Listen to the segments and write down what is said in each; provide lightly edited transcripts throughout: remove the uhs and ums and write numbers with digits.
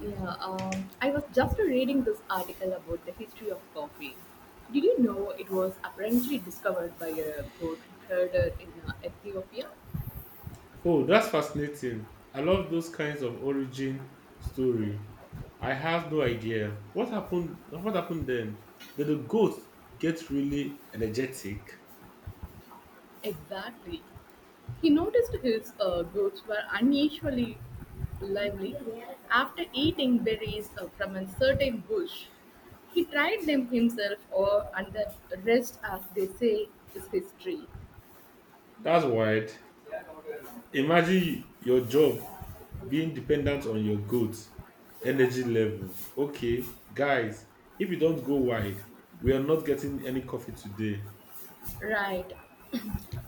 Yeah, I was just reading this article about the history of coffee. Did you know it was apparently discovered by a goat herder in Ethiopia? Oh, that's fascinating. I love those kinds of origin story. I have no idea. What happened then? Did the goat get really energetic? Exactly. He noticed his goats were unusually lively after eating berries from a certain bush. He tried them himself, or and the rest, as they say, is history. That's wild. Imagine your job being dependent on your goat energy level. Okay, guys, if you don't go wide, we are not getting any coffee today. Right.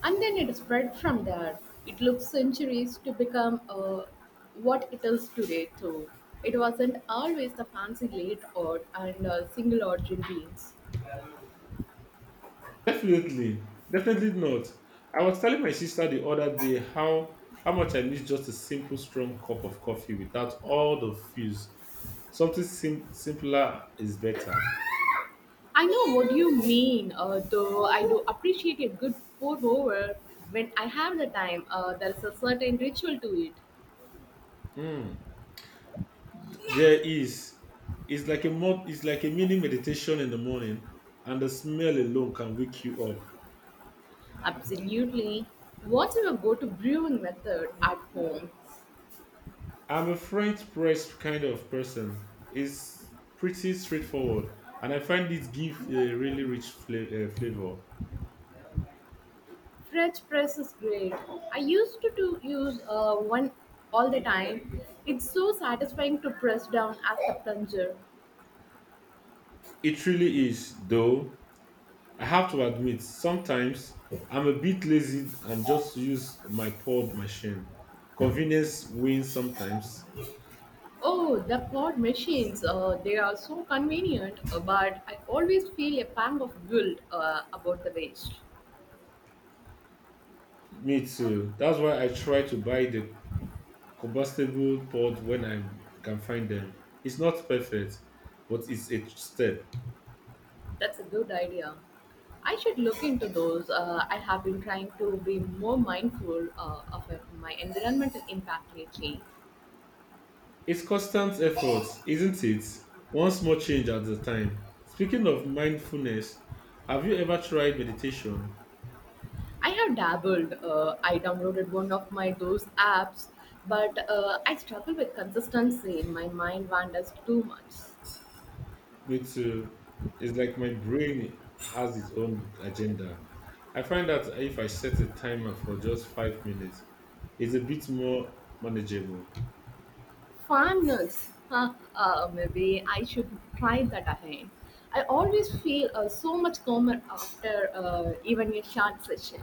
And then it spread from there. It took centuries to become what it is today, too. It wasn't always the fancy late odd and single origin beans. Definitely, definitely not. I was telling my sister the other day how much I miss just a simple strong cup of coffee without all the fizz. Something simpler is better. I know what you mean, though I do appreciate a good pour over when I have the time. There's a certain ritual to it. Mm. There is. It's like a mini meditation in the morning, and the smell alone can wake you up. Absolutely. What's your go to brewing method at home? I'm a French press kind of person. It's pretty straightforward, and I find it give a really rich flavor. French press is great. I used to use one all the time. It's so satisfying to press down at the plunger. It really is, though. I have to admit, sometimes I'm a bit lazy and just use my pod machine. Convenience wins sometimes. Oh, the pod machines, they are so convenient, but I always feel a pang of guilt about the waste. Me too. That's why I try to buy the combustible pod when I can find them. It's not perfect, but it's a step. That's a good idea. I should look into those. I have been trying to be more mindful of my environmental impact lately. It's constant effort, isn't it? One small change at a time. Speaking of mindfulness, have you ever tried meditation? I have dabbled. I downloaded one of my those apps, but I struggle with consistency. My mind wanders too much. Me too. It's like my brain has its own agenda. I find that if I set a timer for just 5 minutes, it's a bit more manageable. Farmers, huh, maybe I should try that again. I always feel so much calmer after even a short session.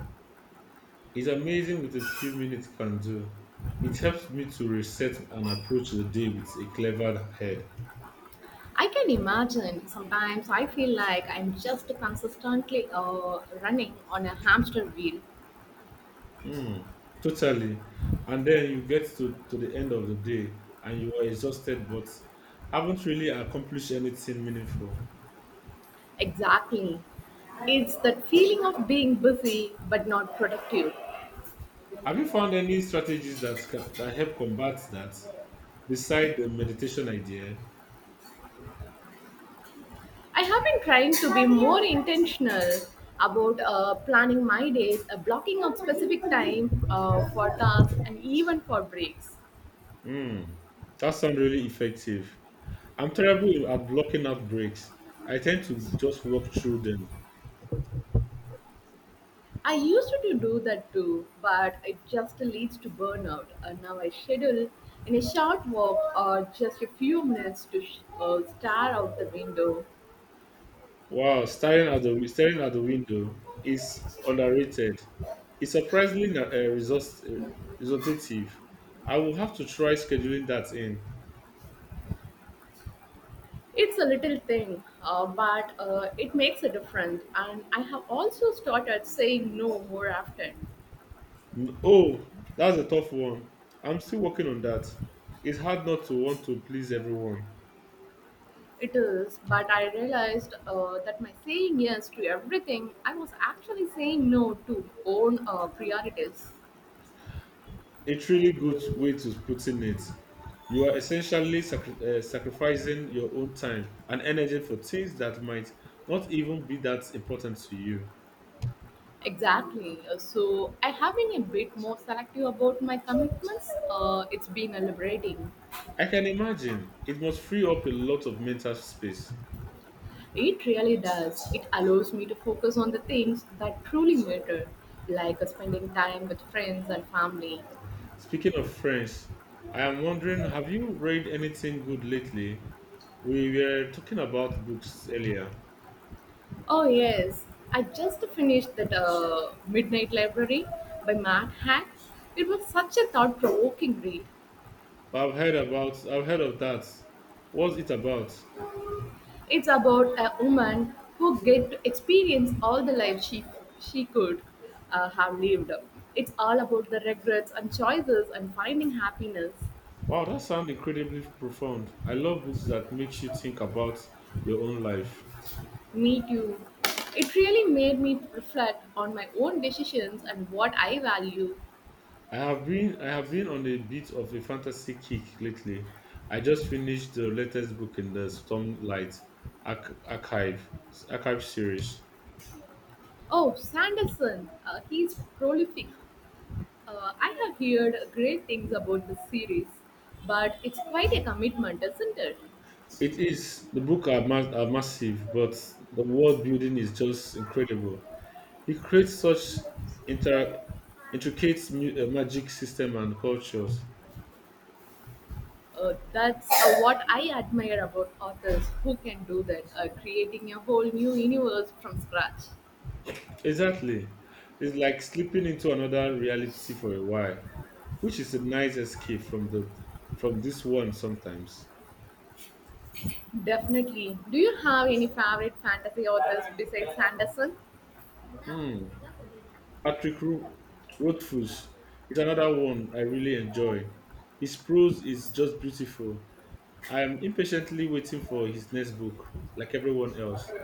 It's amazing what a few minutes can do. It helps me to reset and approach the day with a clever head. I can imagine sometimes I feel like I'm just consistently running on a hamster wheel. Hmm. Totally. And then you get to the end of the day and you are exhausted but haven't really accomplished anything meaningful. Exactly. It's that feeling of being busy but not productive. Have you found any strategies that help combat that beside the meditation idea? I have been trying to be more intentional about planning my days, blocking out specific time for tasks and even for breaks. Hmm, that sounds really effective. I'm terrible at blocking out breaks. I tend to just walk through them. I used to do that too, but it just leads to burnout. Now I schedule in a short walk or just a few minutes to stare out the window. Wow, staring at the window is underrated. It's surprisingly resortative. I will have to try scheduling that in. It's a little thing, but it makes a difference, and I have also started saying no more often. Mm, oh, that's a tough one. I'm still working on that. It's hard not to want to please everyone. It is, but I realized that my saying yes to everything, I was actually saying no to own priorities. It's really good way to putting it. You are essentially sacrificing your own time and energy for things that might not even be that important to you. Exactly. So I have been a bit more selective about my commitments. It's been liberating. I can imagine it must free up a lot of mental space. It really does. It allows me to focus on the things that truly matter, like spending time with friends and family. Speaking of French, I am wondering, have you read anything good lately? We were talking about books earlier. Oh yes, I just finished that Midnight Library by Matt Hack. It was such a thought-provoking read. I've heard of that. What's it about? It's about a woman who get to experience all the life she could have lived. It's all about the regrets and choices and finding happiness. Wow, that sounds incredibly profound. I love books that makes you think about your own life. Me too. It really made me reflect on my own decisions and what I value. I have been on a bit of a fantasy kick lately. I just finished the latest book in the Stormlight Archive Archive series. Oh, Sanderson, he's prolific. I have heard great things about the series, but it's quite a commitment, isn't it? It is the book are, ma- are massive, but the world building is just incredible. He creates such inter- intricate magic system and cultures. That's what I admire about authors who can do that, creating a whole new universe from scratch. Exactly. It's like slipping into another reality for a while, which is a nice escape from the from this one sometimes. Definitely. Do you have any favorite fantasy authors besides Sanderson? Hmm. Patrick Ro- Rothfuss is another one I really enjoy. His prose is just beautiful. I am impatiently waiting for his next book, like everyone else.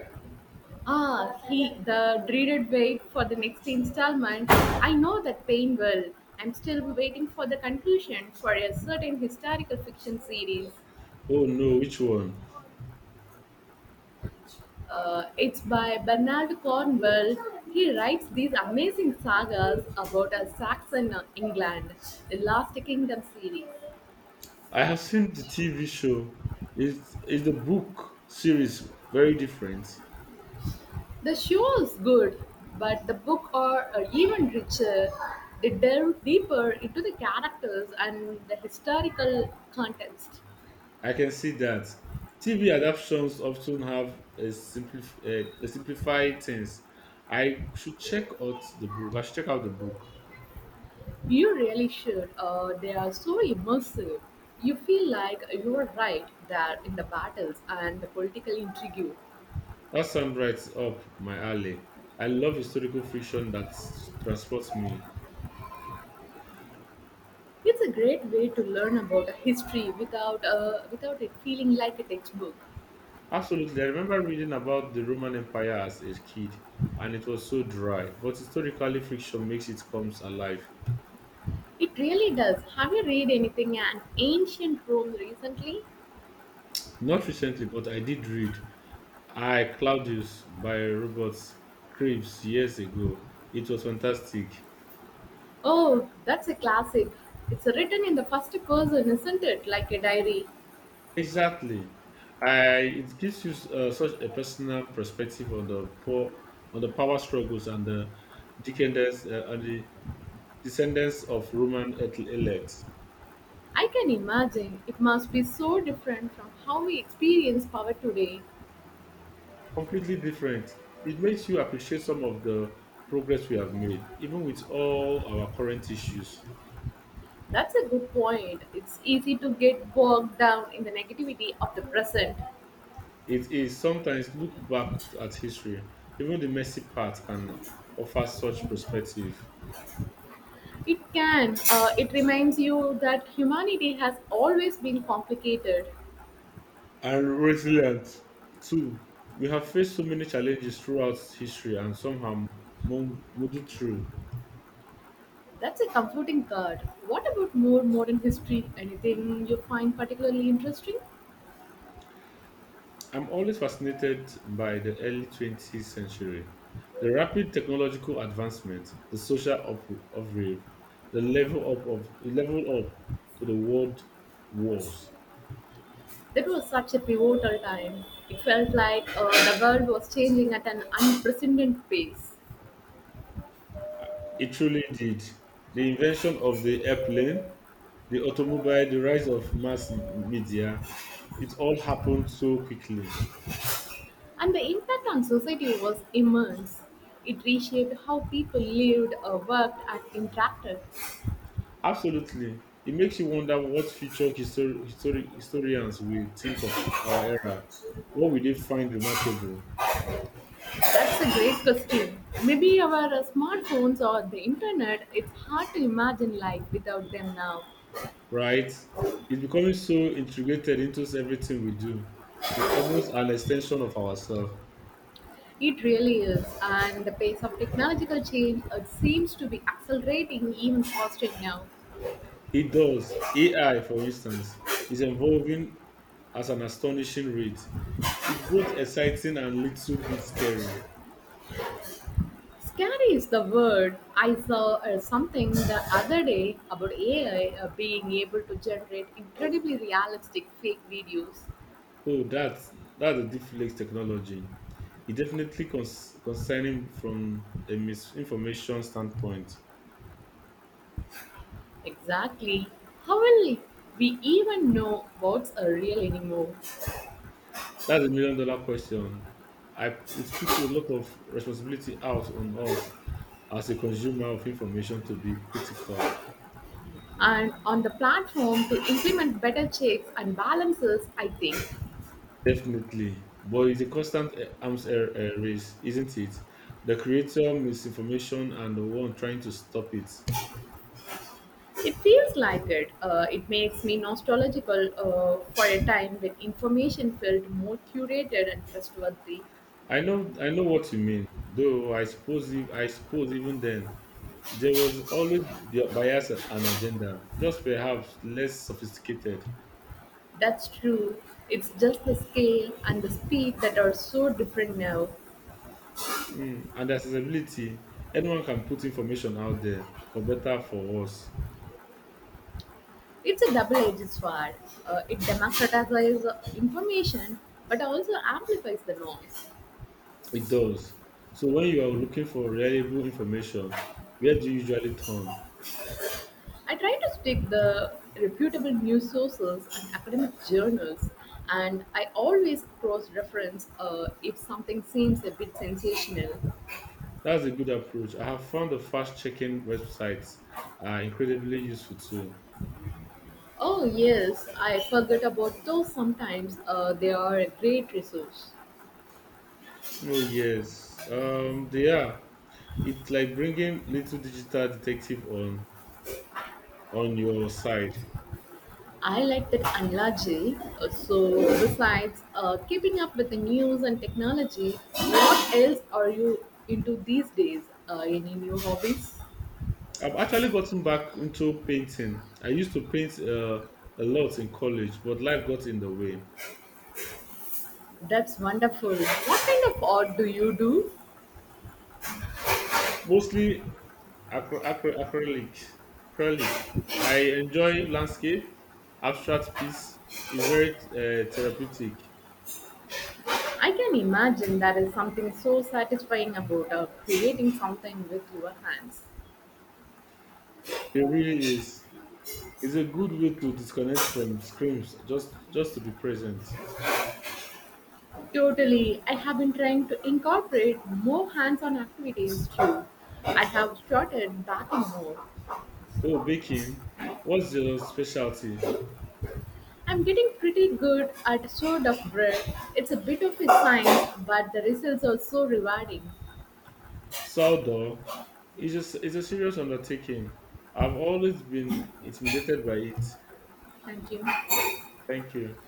The dreaded wait for the next installment. I know that pain well. I'm still waiting for the conclusion for a certain historical fiction series. Oh no, which one? It's by Bernard Cornwell. He writes these amazing sagas about a Saxon England, the Last Kingdom series. I have seen the TV show. Is the book series very different? The show is good, but the book are even richer. They delve deeper into the characters and the historical context. I can see that. TV adaptations often have a simplified things. I should check out the book. I should check out the book. You really should. They are so immersive. You feel like you are right there in the battles and the political intrigue. That sounds right up my alley. I love historical fiction transports me. It's a great way to learn about history without without it feeling like a textbook. Absolutely. I remember reading about the Roman Empire as a kid, and it was so dry. But historically, fiction makes it comes alive. It really does. Have you read anything on ancient Rome recently? Not recently, but I did read I Claudius by Robert Krebs years ago. It was fantastic. Oh, that's a classic. It's written in the first person, isn't it? Like a diary. Exactly. I it gives you such a personal perspective on the poor, on the power struggles and the decadence and the descendants of elite. I can imagine it must be so different from how we experience power today. Completely different. It makes you appreciate some of the progress we have made, even with all our current issues. That's a good point. It's easy to get bogged down in the negativity of the present. It is sometimes look back at history, even the messy part can offer such perspective. It can. It reminds you that humanity has always been complicated. And resilience. Two, we have faced so many challenges throughout history and some have muddled through. That's a comforting thought. What about more modern history? Anything you find particularly interesting? I'm always fascinated by the early 20th century. The rapid technological advancement, the social upheaval, the level up to the world wars. That was such a pivotal time. It felt like the world was changing at an unprecedented pace, It truly did. The invention of the airplane, the automobile, the rise of mass media, it all happened so quickly. and the impact on society was immense. It reshaped how people lived, worked, and interacted. Absolutely. It makes you wonder what future historians will think of our era. What will they find remarkable, That's a great question. Maybe our smartphones or the internet, it's hard to imagine life without them now. right? It's becoming so integrated into everything we do. It's almost an extension of ourselves. It really is. And the pace of technological change it seems to be accelerating even faster now. It does. AI, for instance, is evolving at an astonishing rate. It's both exciting and little bit scary. Scary is the word. I saw something the other day about AI being able to generate incredibly realistic fake videos. Oh, that's a deep technology. It definitely concerning from a misinformation standpoint. Exactly. How will we even know what's a real anymore? That's a million dollar question. I it puts a lot of responsibility out on us as a consumer of information to be critical. And on the platform to implement better checks and balances I think Definitely, but it's a constant arms race, isn't it? The creator misinformation and the one trying to stop it. it feels like it, it makes me nostalgical for a time when information felt more curated and trustworthy. I know what you mean. Though I suppose, if, I suppose even then there was always the bias and agenda, just perhaps less sophisticated. That's true. It's just the scale and the speed that are so different now. Mm, and accessibility, anyone can put information out there for better for worse. It's a double-edged sword. It democratizes information but also amplifies the noise. It does. So when you are looking for reliable information, where do you usually turn? I try to stick the reputable news sources and academic journals, and I always cross-reference if something seems a bit sensational. That's a good approach. I have found the fact checking websites are incredibly useful too. Oh yes, I forget about those sometimes. They are a great resource. Oh yes, they are. It's like bringing little digital detective on your side. I like that analogy. So, besides keeping up with the news and technology, what else are you into these days? Any new hobbies? I've actually gotten back into painting. I used to paint a lot in college, but life got in the way. That's wonderful. What kind of art do you do? Mostly acrylic. Acrylic. I enjoy landscape, abstract piece. It's very therapeutic. I can imagine there is something so satisfying about creating something with your hands. It really is. It's a good way to disconnect from screens, just to be present. Totally. I have been trying to incorporate more hands on activities too. I have started baking more. Oh, baking. What's your specialty? I'm getting pretty good at sort of bread. It's a bit of a science, but the results are so rewarding. Sourdough is it's a serious undertaking. I've always been intimidated by it. Thank you. Thank you.